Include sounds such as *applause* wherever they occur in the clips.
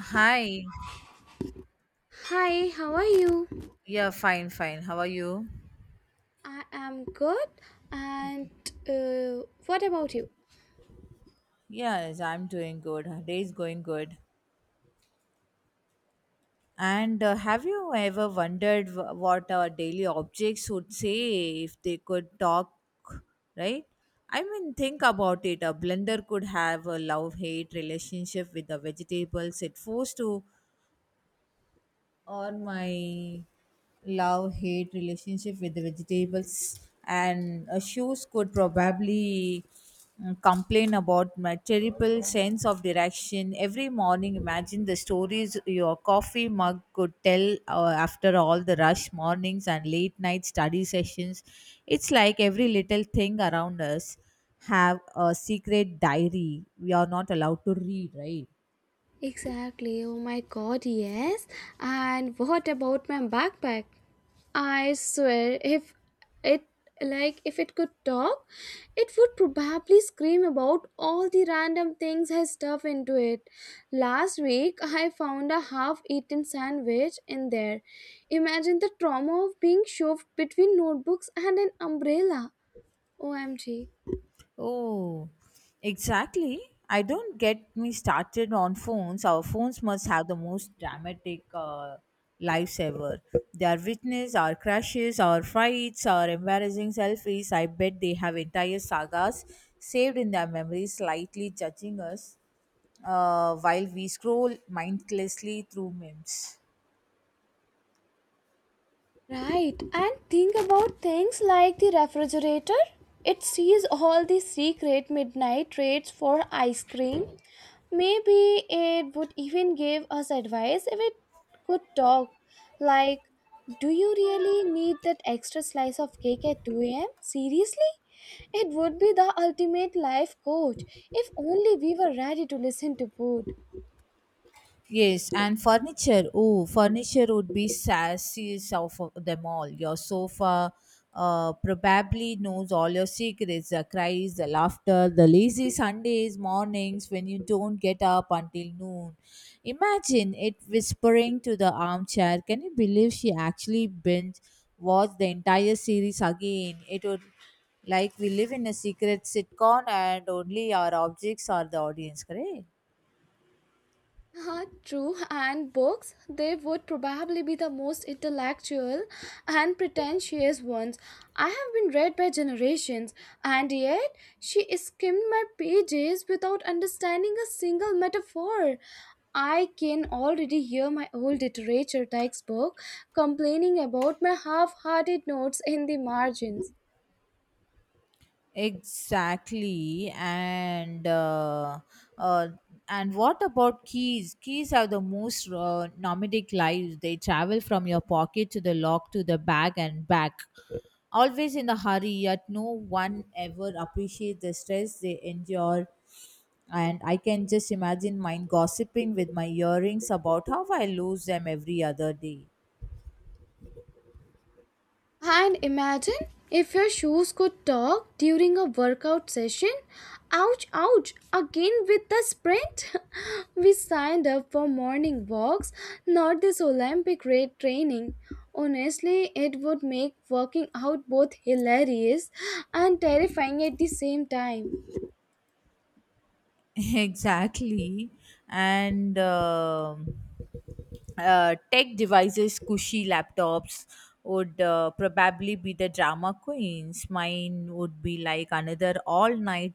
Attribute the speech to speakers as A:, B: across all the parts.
A: Hi.
B: Hi, how are you?
A: Yeah, fine, fine. How are you?
B: I am good. And what about you?
A: Yes, I'm doing good. Our day is going good. And have you ever wondered what our daily objects would say if they could talk, right? I mean, think about it. A blender could have a love hate relationship with the vegetables it forced to or my love hate relationship with the vegetables, and shoes could probably complain about my terrible sense of direction every morning. Imagine the stories your coffee mug could tell after all the rush mornings and late night study sessions. It's like every little thing around us have a secret diary we are not allowed to read, right?
B: Exactly. Oh my god, yes. And what about my backpack? I swear, it if it could talk, it would probably scream about all the random things I stuff into it. Last week, I found a half-eaten sandwich in there. Imagine the trauma of being shoved between notebooks and an umbrella. OMG.
A: Oh, exactly. I don't get me started on phones. Our phones must have the most dramatic lives ever. They are witness our crashes, our fights, our embarrassing selfies. I bet they have entire sagas saved in their memories, slightly judging us while we scroll mindlessly through memes.
B: Right, and think about things like the refrigerator. It sees all the secret midnight trades for ice cream. Maybe it would even give us advice if it could talk. Like, do you really need that extra slice of cake at 2 a.m.? Seriously? It would be the ultimate life coach if only we were ready to listen to food.
A: Yes, and furniture. Oh, furniture would be sassiest of them all. Your sofa probably knows all your secrets, the cries, the laughter, the lazy Sundays mornings when you don't get up until noon. Imagine it whispering to the armchair. Can you believe she actually binge watched the entire series again? It would like we live in a secret sitcom and only our objects are the audience, correct?
B: Ah, true, and books, they would probably be the most intellectual and pretentious ones. I have been read by generations, and yet she skimmed my pages without understanding a single metaphor. I can already hear my old literature textbook complaining about my half hearted notes in the margins.
A: Exactly, uh, and what about keys? Keys are the most nomadic lives. They travel from your pocket to the lock to the bag and back, always in a hurry. Yet no one ever appreciates the stress they endure. And I can just imagine mine gossiping with my earrings about how I lose them every other day.
B: And imagine if your shoes could talk during a workout session. Ouch, ouch, again with the sprint. *laughs* We signed up for morning walks, not this Olympic rate training. Honestly, it would make working out both hilarious and terrifying at the same time.
A: *laughs* Exactly. And Tech devices, cushy laptops would probably be the drama queens. Mine would be like another all night,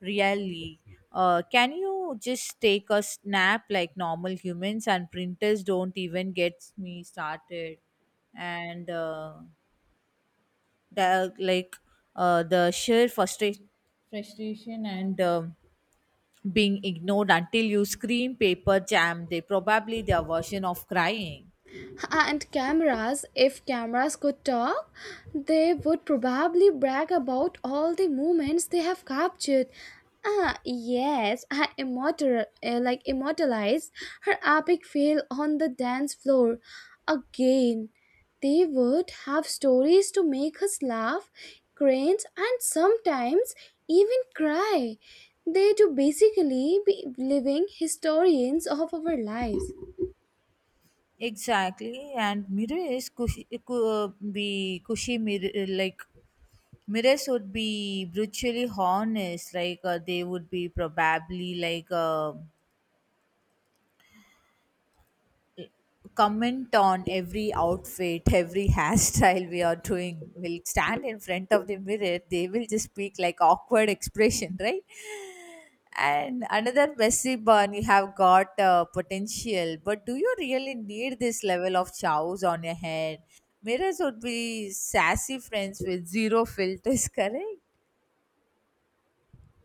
A: really. Can you just take a snap like normal humans, and printers, don't even get me started? And the, like the sheer frustration and being ignored until you scream paper jam, they probably their version of crying.
B: And cameras, if cameras could talk, they would probably brag about all the moments they have captured. Ah, yes, I immortal, like immortalized her epic fail on the dance floor again. They would have stories to make us laugh, cringe, and sometimes even cry. They to basically be living historians of our lives.
A: Exactly. And mirrors is cushy, could be cushy mirror like mirrors would be brutally honest, like they would be probably like, comment on every outfit, every *laughs* hairstyle we are doing, will stand in front of the mirror, they will just speak like awkward expression, *laughs* right? And another messy bun, you have got potential, but do you really need this level of chows on your head? Mirrors would be sassy friends with zero filters, *laughs* correct?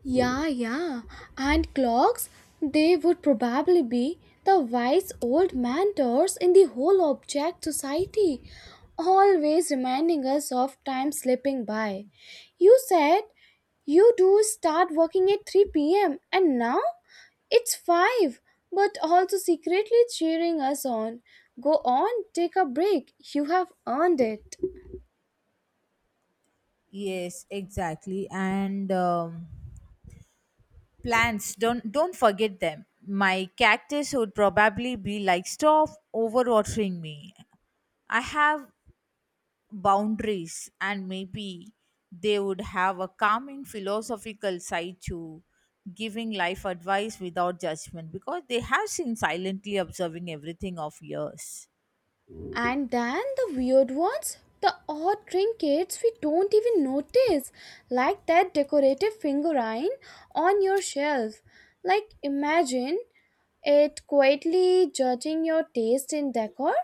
B: Yeah, yeah. And clocks, they would probably be the wise old mentors in the whole object society, always reminding us of time slipping by. You said you do start working at 3 p.m. and now it's 5, but also secretly cheering us on. Go on, take a break. You have earned it.
A: Yes, exactly. And plants, don't forget them. My cactus would probably be like stop overwatering me, I have boundaries. And maybe they would have a calming philosophical side to giving life advice without judgment because they have been silently observing everything of years.
B: And then the weird ones, the odd trinkets we don't even notice, like that decorative figurine on your shelf. Like, imagine it quietly judging your taste in decor,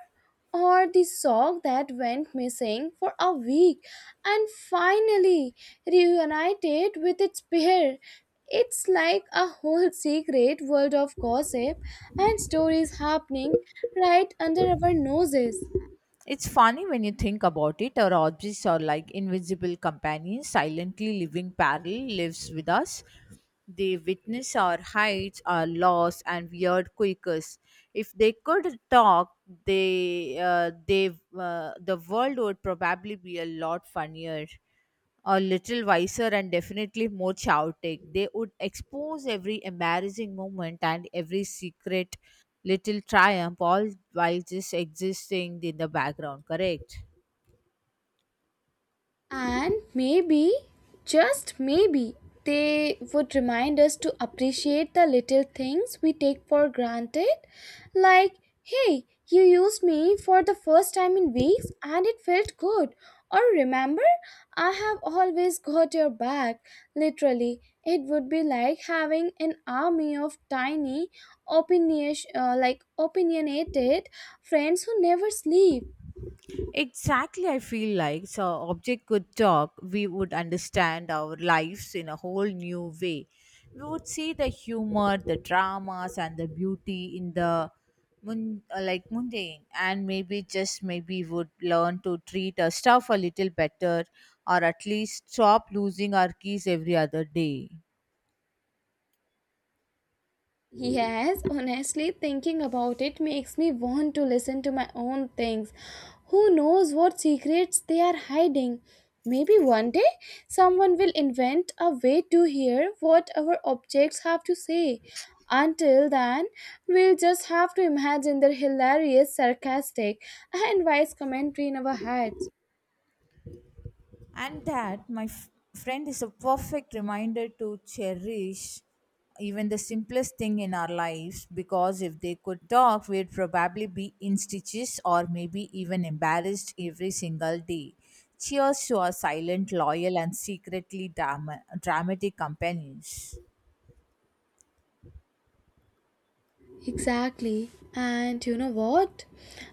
B: or the sock that went missing for a week and finally reunited with its pair. It's like a whole *laughs* secret world of gossip and stories happening right under our noses.
A: It's funny when you think about it. Our objects are like invisible companions, silently living parallel lives with us. They witness our heights, our loss, and weird quakers. If they could talk, they, uh, they, the world would probably be a lot funnier, a little wiser, and definitely more chaotic. They would expose every embarrassing moment and every secret little triumph, all while just existing in the background, correct?
B: And maybe, just maybe, they would remind us to appreciate the little things we take for granted. Like, hey, you used me for the first time in weeks and it felt good. Or remember, I have always got your back. Literally, it would be like having an army of tiny, opinionated friends who never sleep.
A: Exactly. I feel like so object could talk, we would understand our lives in a whole new way. We would see the humor, the dramas, and the beauty in the mundane, and maybe just maybe would learn to treat our stuff a little better, or at least stop losing our keys every other day.
B: Yes, honestly, thinking about it makes me want to listen to my own things. Who knows what secrets they are hiding? Maybe one day someone will invent a way to hear what our objects have to say. Until then, we'll just have to imagine their hilarious, sarcastic, and wise commentary in our heads.
A: And that my friend is a perfect reminder to cherish even the simplest thing in our lives, because if they could talk, we'd probably be in stitches or maybe even embarrassed every single day. Cheers to our silent, loyal, and secretly dramatic companions.
B: Exactly. And you know what?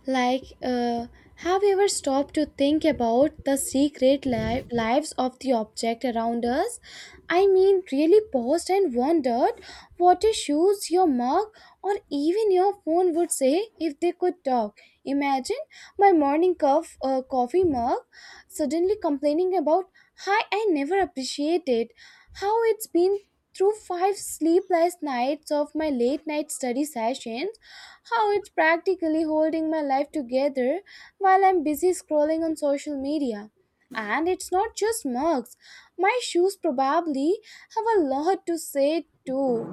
B: Like, have you ever stopped to think about the secret lives of the object around us? I mean, really paused and wondered what your shoes, your mug, or even your phone would say if they could talk. Imagine my morning coffee mug suddenly complaining about, hi, I never appreciated how it's been through five sleepless nights of my late night study sessions, how it's practically holding my life together while I'm busy scrolling on social media. And it's not just mugs, my shoes probably have a lot to say too.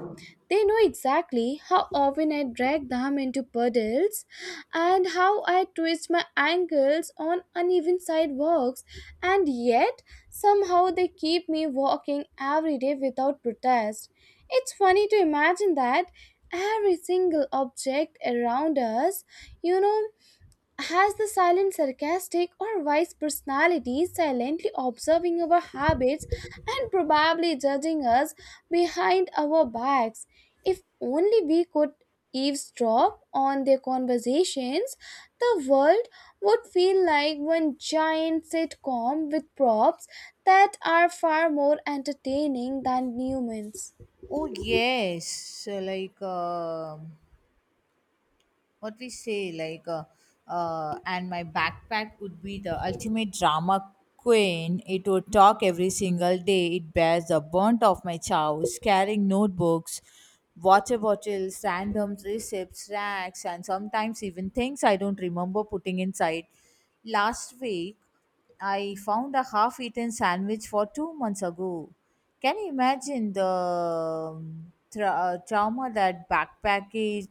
B: They know exactly how often I drag them into puddles and how I twist my ankles on uneven sidewalks, and yet somehow they keep me walking every day without protest. It's funny to imagine that every single object around us, you know, has the silent sarcastic or wise personality silently observing our habits and probably judging us behind our backs. If only we could eavesdrop on their conversations, the world would feel like one giant sitcom with props that are far more entertaining than humans.
A: Oh, yes. So, like what we say like and my backpack would be the ultimate drama queen. It would talk every single day. It bears the burnt of my chows, carrying notebooks, water bottles, random receipts, racks, and sometimes even things I don't remember putting inside. Last week, I found a half eaten sandwich for 2 months ago. Can you imagine the trauma that backpackers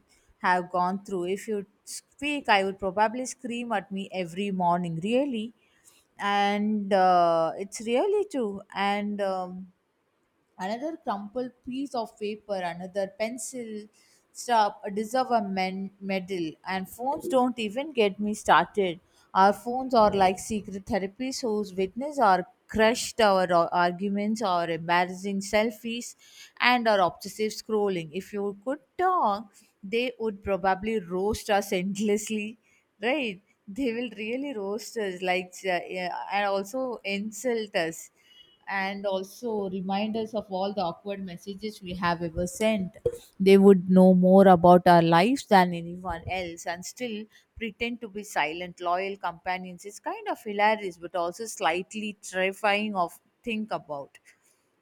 A: have gone through? If you speak, I would probably scream at me every morning, really. And it's really true. And another crumpled piece of paper, another pencil stub, a deserve a medal. And phones, don't even get me started. Our phones are like secret therapies whose witness are crushed, our arguments, our embarrassing selfies, and our obsessive scrolling. If you could talk, they would probably roast us endlessly, right? They will really roast us, like, yeah, and also insult us and also reminders of all the awkward messages we have ever sent. They would know more about our lives than anyone else and still pretend to be silent, loyal companions. It's kind of hilarious, but also slightly terrifying of think about.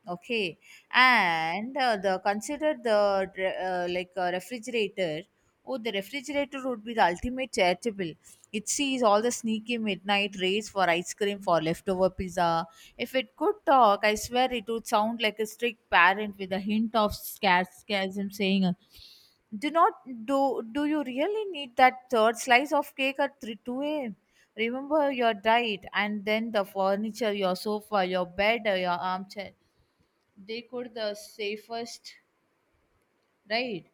A: Okay, and the consider the dre- like refrigerator. Oh, the refrigerator would be the ultimate charitable. It sees all the sneaky midnight raids for ice cream, for leftover pizza. If it could talk, I swear it would sound like a strict parent with a hint of sarcasm saying, "Do not do. Do you really need that third slice of cake at 3 2 a.m.? Remember your diet, and then the furniture, your sofa, your bed, your armchair. They could the safest, right?"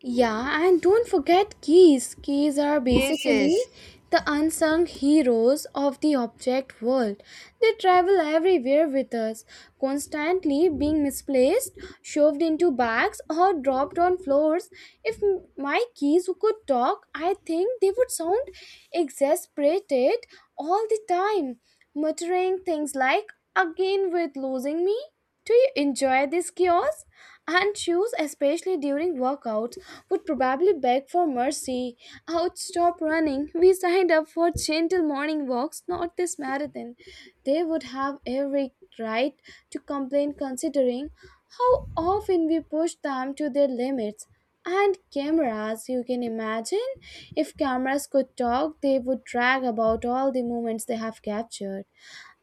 B: Yeah, and don't forget keys. Keys are
A: Yes,
B: basically
A: yes.
B: the unsung heroes of the object world. They travel everywhere with us, constantly being misplaced, shoved into bags, or dropped on floors. If my keys could talk, I think they would sound exasperated all the time, muttering things like, again with losing me? Do you enjoy these chaos? And shoes, especially during workouts, would probably beg for mercy. I would stop running. We signed up for gentle morning walks, not this marathon. They would have every right to complain considering how often we push them to their limits. And cameras, you can imagine. If cameras could talk, they would brag about all the moments they have captured.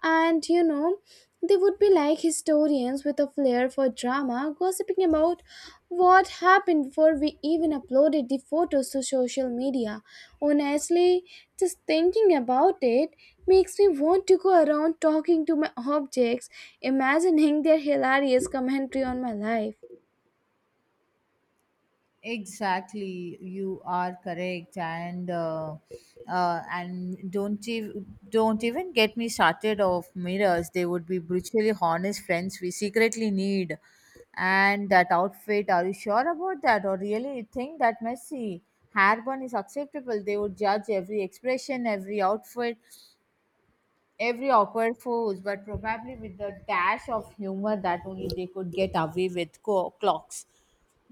B: And you know, they would be like historians with a flair for drama, gossiping about what happened before we even uploaded the photos to social media. Honestly, just thinking about it makes me want to go around talking to my *laughs* objects, imagining their hilarious commentary on my life.
A: Exactly, you are correct, and don't even get me started of mirrors. They would be brutally honest friends we secretly need. And that outfit, are you sure about that, or really think that messy hairburn is acceptable? They would judge every expression, every outfit, every awkward pose, but probably with the dash of humor that only they could get away with. Clocks,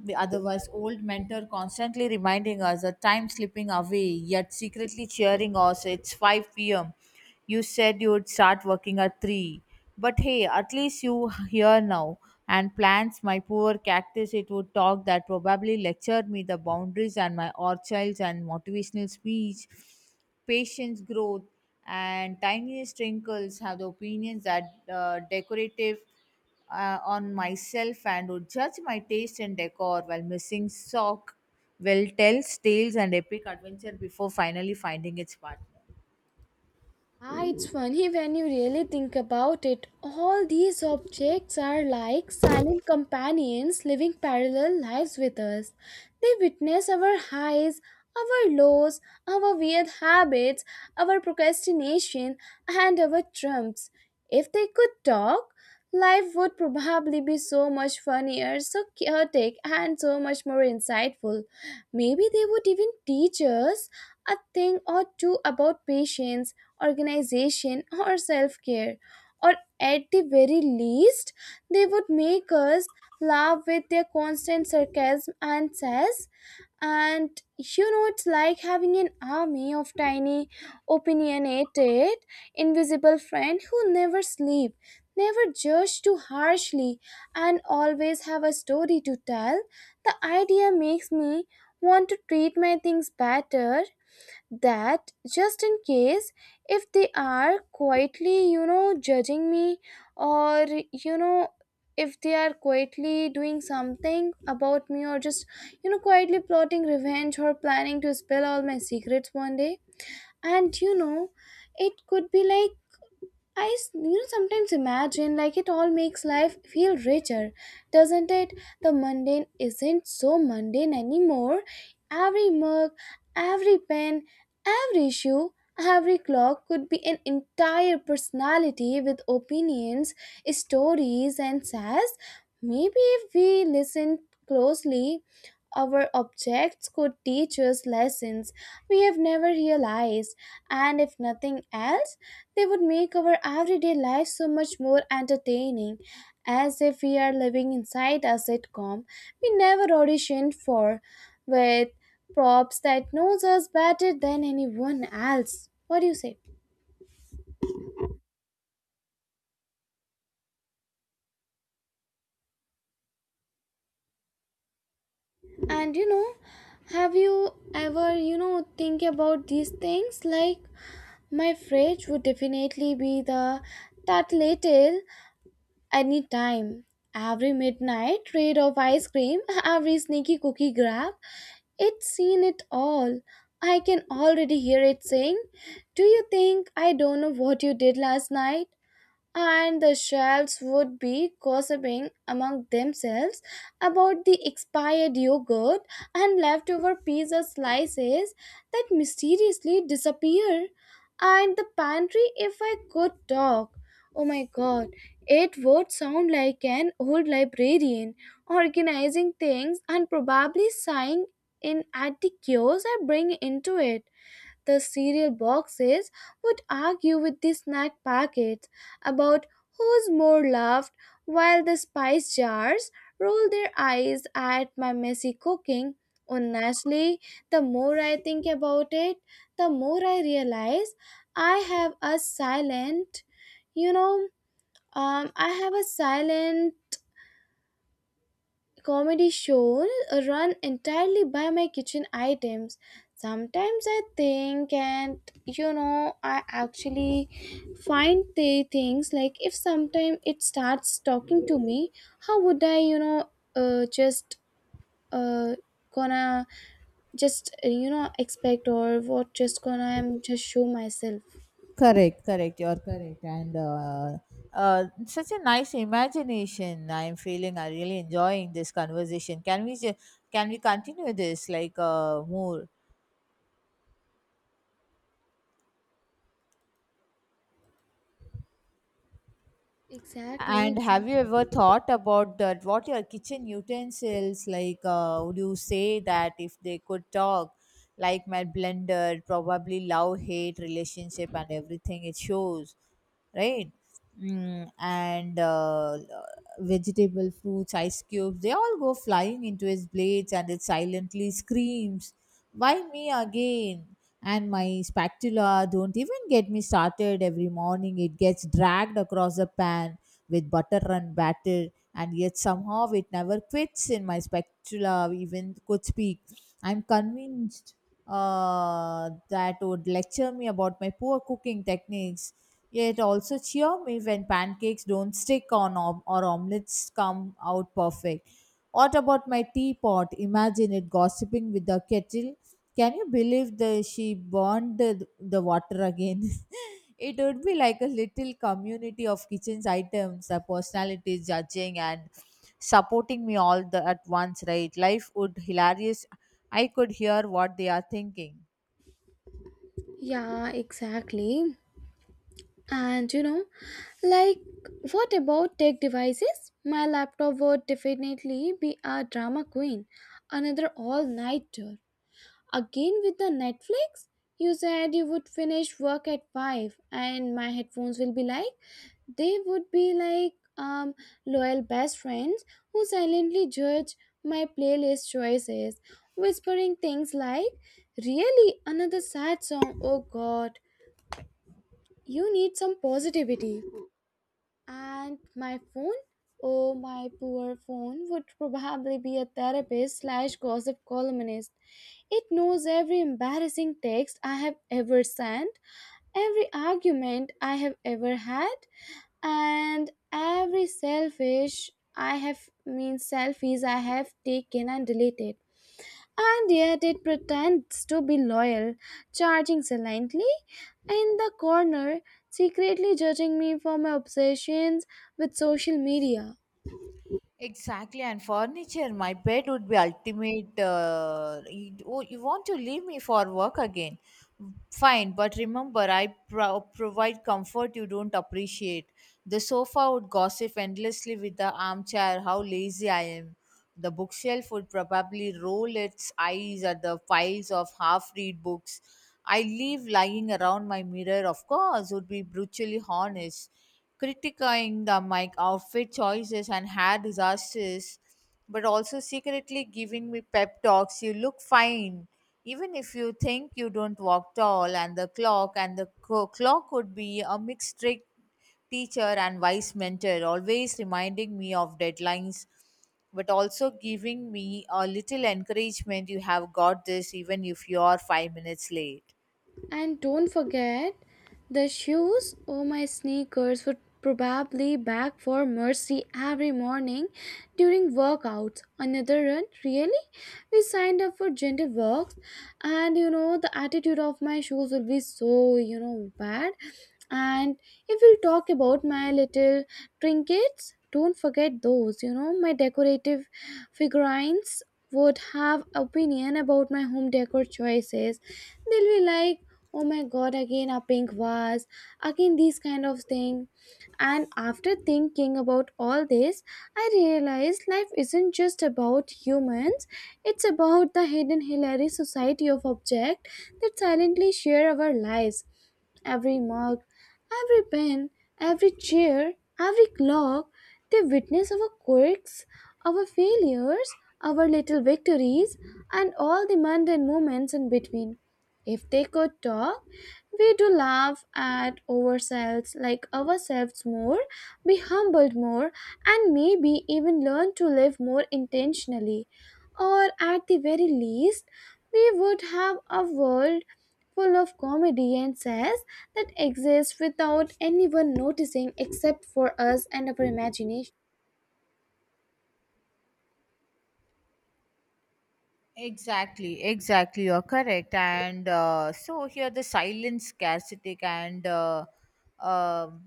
A: the otherwise old mentor constantly reminding us that time slipping away, yet secretly cheering us. It's 5 p.m. You said you would start working at 3. But hey, at least you here now. And plants, my poor cactus, it would talk that probably lectured me the boundaries, and my orchards and motivational speech, patience growth. And tiniest wrinkles have the opinions that decorative on myself and would judge my taste in decor, while missing sock will tell tales and epic adventure before finally finding its partner.
B: Ah, it's funny when you really think about it. All these objects are like silent companions living parallel lives with us. They witness our highs, our lows, our weird habits, our procrastination, and our trumps. If they could talk, life would probably be so much funnier, so chaotic, and so much more insightful. Maybe they would even teach us a thing or two about patience organization, or self care. Or at the very least, they would make us laugh with their constant sarcasm and sass. And you know, it's like having an army of tiny, opinionated, invisible friends who never sleep, never judge too harshly, and always have a story to tell. The idea makes me want to treat my things better that just in case if they are quietly judging me, or you know if they are quietly doing something about me, or just quietly plotting revenge or planning to spill all my secrets one day. And you know, it could be like I s- you know, sometimes imagine like it all makes life feel richer, doesn't it? The mundane isn't so mundane anymore. Every mug, every pen, every shoe, every clock could be an entire personality with opinions, stories, and says. Maybe if we listen closely, our objects could teach us lessons we have never realized, and if nothing else, they would make our everyday life so much more entertaining, as if we are living inside a sitcom we never auditioned for, with props that knows us better than anyone else. What do you say? And you know, have you ever, think about these things? Like, my fridge would definitely be the that little any time. Every midnight raid of ice cream, *laughs* every sneaky cookie grab, it's seen it all. I can already hear it saying, do you think I don't know what you did last night? And the shelves would be gossiping among themselves about the expired yogurt and leftover pizza slices that mysteriously disappear. And the pantry, if I could talk, oh my god, it would sound like an old librarian organizing things and probably sighing in at the chaos I bring into it. The cereal boxes would argue with the snack packets about who's more loved, while the spice jars roll their eyes at my messy cooking. Honestly, the more I think about it, the more I realize I have a you know, I have a silent comedy shows run entirely by my kitchen items. Sometimes I think, and I actually find the things like if sometime it starts talking to me, how would I you know just, uh, gonna just, expect, or what, just gonna, I'm just show myself.
A: Correct, correct, you're correct. And such a nice imagination, I'm feeling. I really enjoying this conversation. Can we can we continue this like more?
B: Exactly,
A: And have you
B: exactly.
A: ever thought about that? What your kitchen utensils like? Would you say that if they could talk, like my blender, probably love hate relationship and everything it shows, right? Mm, and Vegetable, fruits, ice cubes, they all go flying into his blades, and it silently screams, "Why me again?" And my spatula, don't even get me started. Every morning, it gets dragged across the pan with butter and batter, and yet somehow it never quits. In my specula even could speak, I'm convinced that would lecture me about my poor cooking techniques, yet also cheer me when pancakes don't stick on or omelets come out perfect. What about my teapot? Imagine it gossiping with the kettle. Can you believe that she burned the water again? *laughs* It would be like a little community of kitchen's items, the personalities judging and supporting me all the at once, right? Life would hilarious. I could hear what they are thinking.
B: Yeah, exactly. And you know, like, what about tech devices? My laptop would definitely be a drama queen. Another all nighter. Again with the Netflix? You said you would finish work at 5, and my headphones will be like, they would be like loyal best friends who silently judge my playlist choices, whispering things like, really? Another sad song? Oh God, you need some positivity. And my phone? Oh, my poor phone would probably be a therapist slash gossip columnist. It knows every embarrassing text I have ever sent, every argument I have ever had, and every selfish I have mean selfies I have taken and deleted, and yet it pretends to be loyal, charging silently in the corner, secretly judging me for my obsessions with social media.
A: Exactly, and furniture. My bed would be ultimate. You, oh, you want to leave me for work again? Fine, but remember, I provide comfort you don't appreciate. The sofa would gossip endlessly with the armchair. How lazy I am. The bookshelf would probably roll its eyes at the piles of half read books I leave lying around. My mirror, of course, would be brutally honest, critiquing the my outfit choices and hair disasters, but also secretly giving me pep talks. You look fine, even if you think you don't walk tall. And the clock, and the clock would be a mixed trick teacher and wise mentor, always reminding me of deadlines, but also giving me a little encouragement, you have got this, even if you are 5 minutes late.
B: And don't forget the shoes. Oh, my sneakers would probably beg for mercy every morning during workouts. Another run? Really? We signed up for gentle walks, and you know, the attitude of my shoes will be so, you know, bad. And if we talk about my little trinkets, don't forget those, you know, my decorative figurines would have opinion about my home decor choices. They'll be like, oh my god, again a pink vase, again these kind of thing. And after thinking about all this, I realized life isn't just about humans, it's about the hidden hilarious society of objects that silently share our lives. Every mug, every pen, every chair, every clock, they witness our quirks, our failures, our little victories, and all the mundane moments in between. If they could talk, we do laugh at ourselves, like ourselves more, be humbled more, and maybe even learn to live more intentionally. Or at the very least, we would have a world full of comedy and says that exist without anyone noticing except for us and our imagination.
A: Exactly, exactly. You're correct. And so here the silent scarcity and um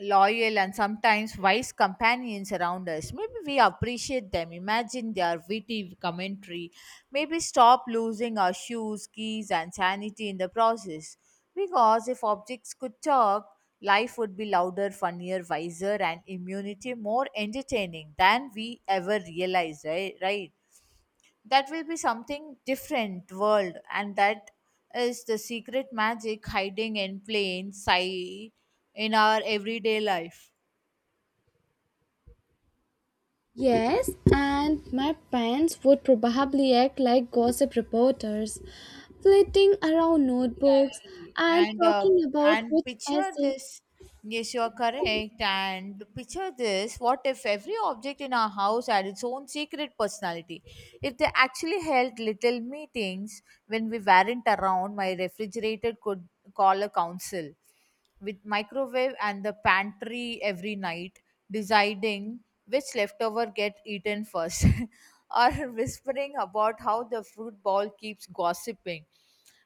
A: loyal and sometimes wise companions around us. Maybe we appreciate them, imagine their witty commentary, maybe stop losing our shoes, keys, and sanity in the process. Because if objects could talk, life would be louder, funnier, wiser, and immunity more entertaining than we ever realized, right? Right? That will be something different world, and that is the secret magic hiding in plain sight in our everyday life.
B: Yes, and my parents would probably act like gossip reporters, flitting around notebooks
A: Exactly.
B: and talking about
A: And
B: which
A: picture
B: essay.
A: this. Yes, you are correct. And picture this. What if every object in our house had its own secret personality? If they actually held little meetings when we weren't around, my refrigerator could call a council with microwave and the pantry every night, deciding which leftover get eaten first, *laughs* or whispering about how the fruit ball keeps gossiping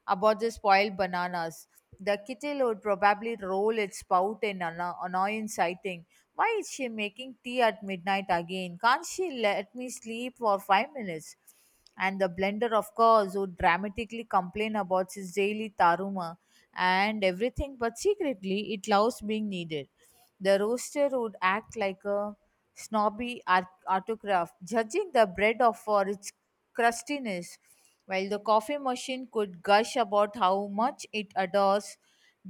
A: about the spoiled bananas. The kitty would probably roll its spout in an annoyance, sighting. Why is she making tea at midnight again? Can't she let me sleep for 5 minutes? And the blender, of course, would dramatically complain about his daily taruma and everything, but secretly it loves being needed. The roaster would act like a snobby autocrat, judging the bread of for its crustiness, while the coffee machine could gush about how much it adores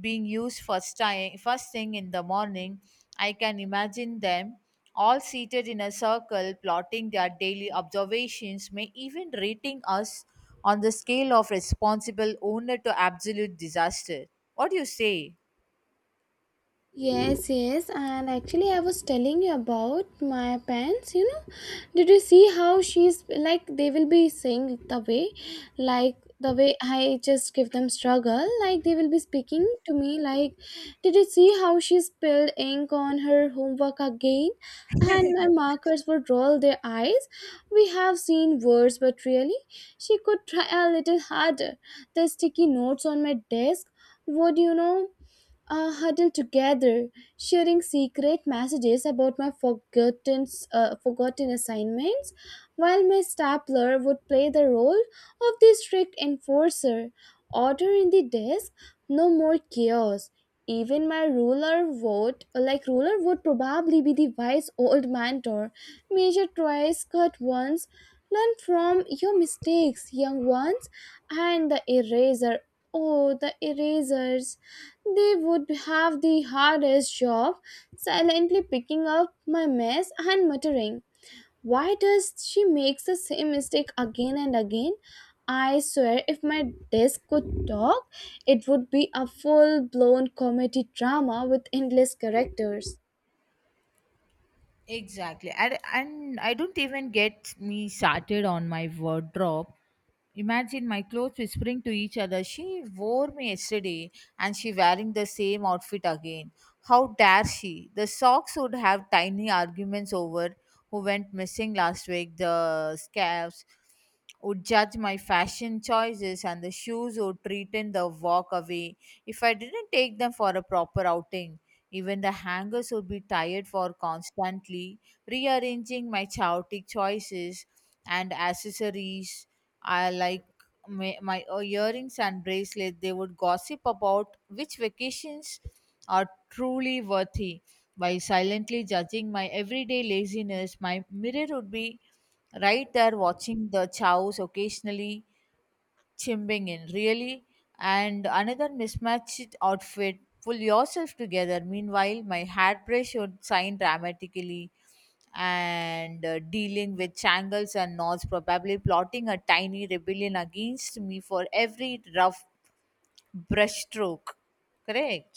A: being used first time first thing in the morning. I can imagine them all seated in a circle, plotting their daily observations, may even rating us on the scale of responsible owner to absolute disaster. What do you say?
B: Yes, yes, and actually, I was telling you about my parents. You know, did you see how she's like they will be saying the way, like the way I just give them struggle, like they will be speaking to me, like, did you see how she spilled ink on her homework again? And my markers would roll their eyes. We have seen words, but really, she could try a little harder. The sticky notes on my desk would huddled together, sharing secret messages about my forgotten assignments, while my stapler would play the role of the strict enforcer. Order in the desk, no more chaos. Even my ruler would probably be the wise old mentor. Measure twice, cut once. Learn from your mistakes, young ones, and the eraser. Oh, the erasers. They would have the hardest job, silently picking up my mess and muttering, why does she make the same mistake again and again? I swear, if my desk could talk, it would be a full blown comedy drama with endless characters.
A: Exactly. And I don't even get me started on my wardrobe. Imagine my clothes whispering to each other. She wore me yesterday and she wearing the same outfit again. How dare she? The socks would have tiny arguments over who went missing last week. The scarves would judge my fashion choices, and the shoes would pretend the walk away if I didn't take them for a proper outing. Even the hangers would be tired for constantly rearranging my chaotic choices and accessories. I like my, my earrings and bracelet. They would gossip about which vacations are truly worthy. By silently judging my everyday laziness, my mirror would be right there watching the chows, occasionally chimbing in, really, and another mismatched outfit, pull yourself together. Meanwhile, my hat brush would sign dramatically and dealing with shangles and knots, probably plotting a tiny rebellion against me for every rough brushstroke. Correct.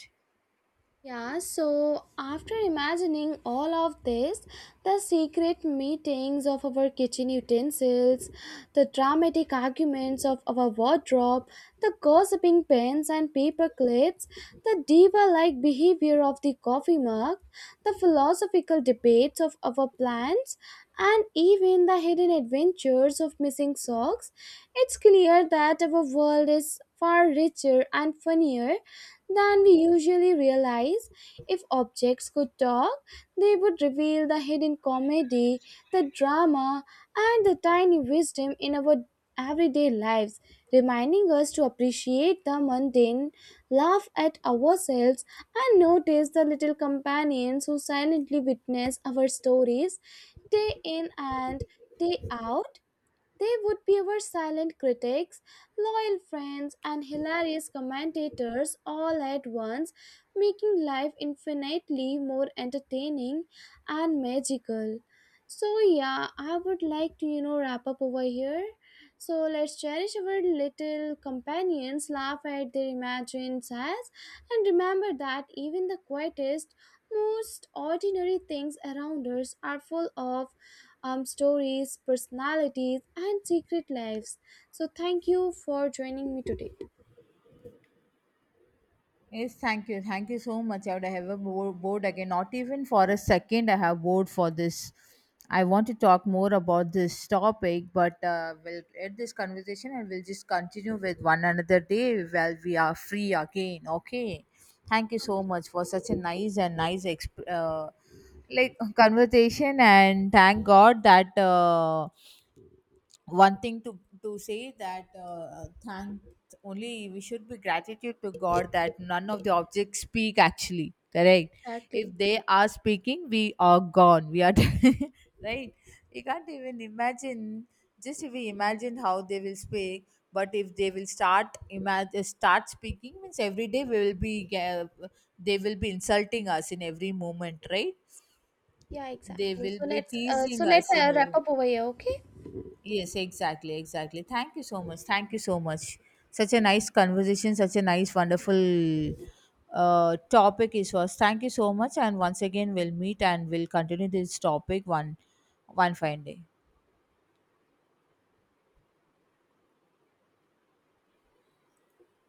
B: Yeah, so after imagining all of this, the secret meetings of our kitchen utensils, the dramatic arguments of our wardrobe, the gossiping pens and paper clips, the diva like behavior of the coffee mug, the philosophical debates of our plants, and even the hidden adventures of missing socks, it's clear that our world is far richer and funnier than we usually realize. If objects could talk, they would reveal the hidden comedy, the drama, and the tiny wisdom in our everyday lives, reminding us to appreciate the mundane, laugh at ourselves, and notice the little companions who silently witness our stories day in and day out. They would be our silent critics, loyal friends, and hilarious commentators all at once, making life infinitely more entertaining and magical. So, yeah, I would like to, you know, wrap up over here. So, let's cherish our little companions, laugh at their imagined sighs, and remember that even the quietest, most ordinary things around us are full of stories, personalities, and secret lives. So thank you for joining me today.
A: Yes, thank you. Thank you so much. I would have a board again. Not even for a second, I have board for this. I want to talk more about this topic, but we'll end this conversation and we'll just continue with one another day while we are free again. Okay. Thank you so much for such a nice and nice like conversation, and thank God that. One thing to say that thank only we should be gratitude to god that none of the objects speak actually correct. If
B: Exactly.
A: they are speaking, we are gone, we are *laughs* right. You can't even imagine. Just if we imagine how they will speak, but if they will start imagine start speaking means every day we will be they will be insulting us in every moment, right?
B: Yeah,
A: They
B: exactly.
A: will
B: So
A: be
B: let's uh,
A: teasing
B: so let's
A: us in
B: uh, wrap
A: every.
B: up over here, okay?
A: Yes, exactly, exactly. Thank you so much. Thank you so much. Such a nice conversation, such a nice, wonderful topic it was. Thank you so much. And once again, we'll meet and we'll continue this topic one fine day.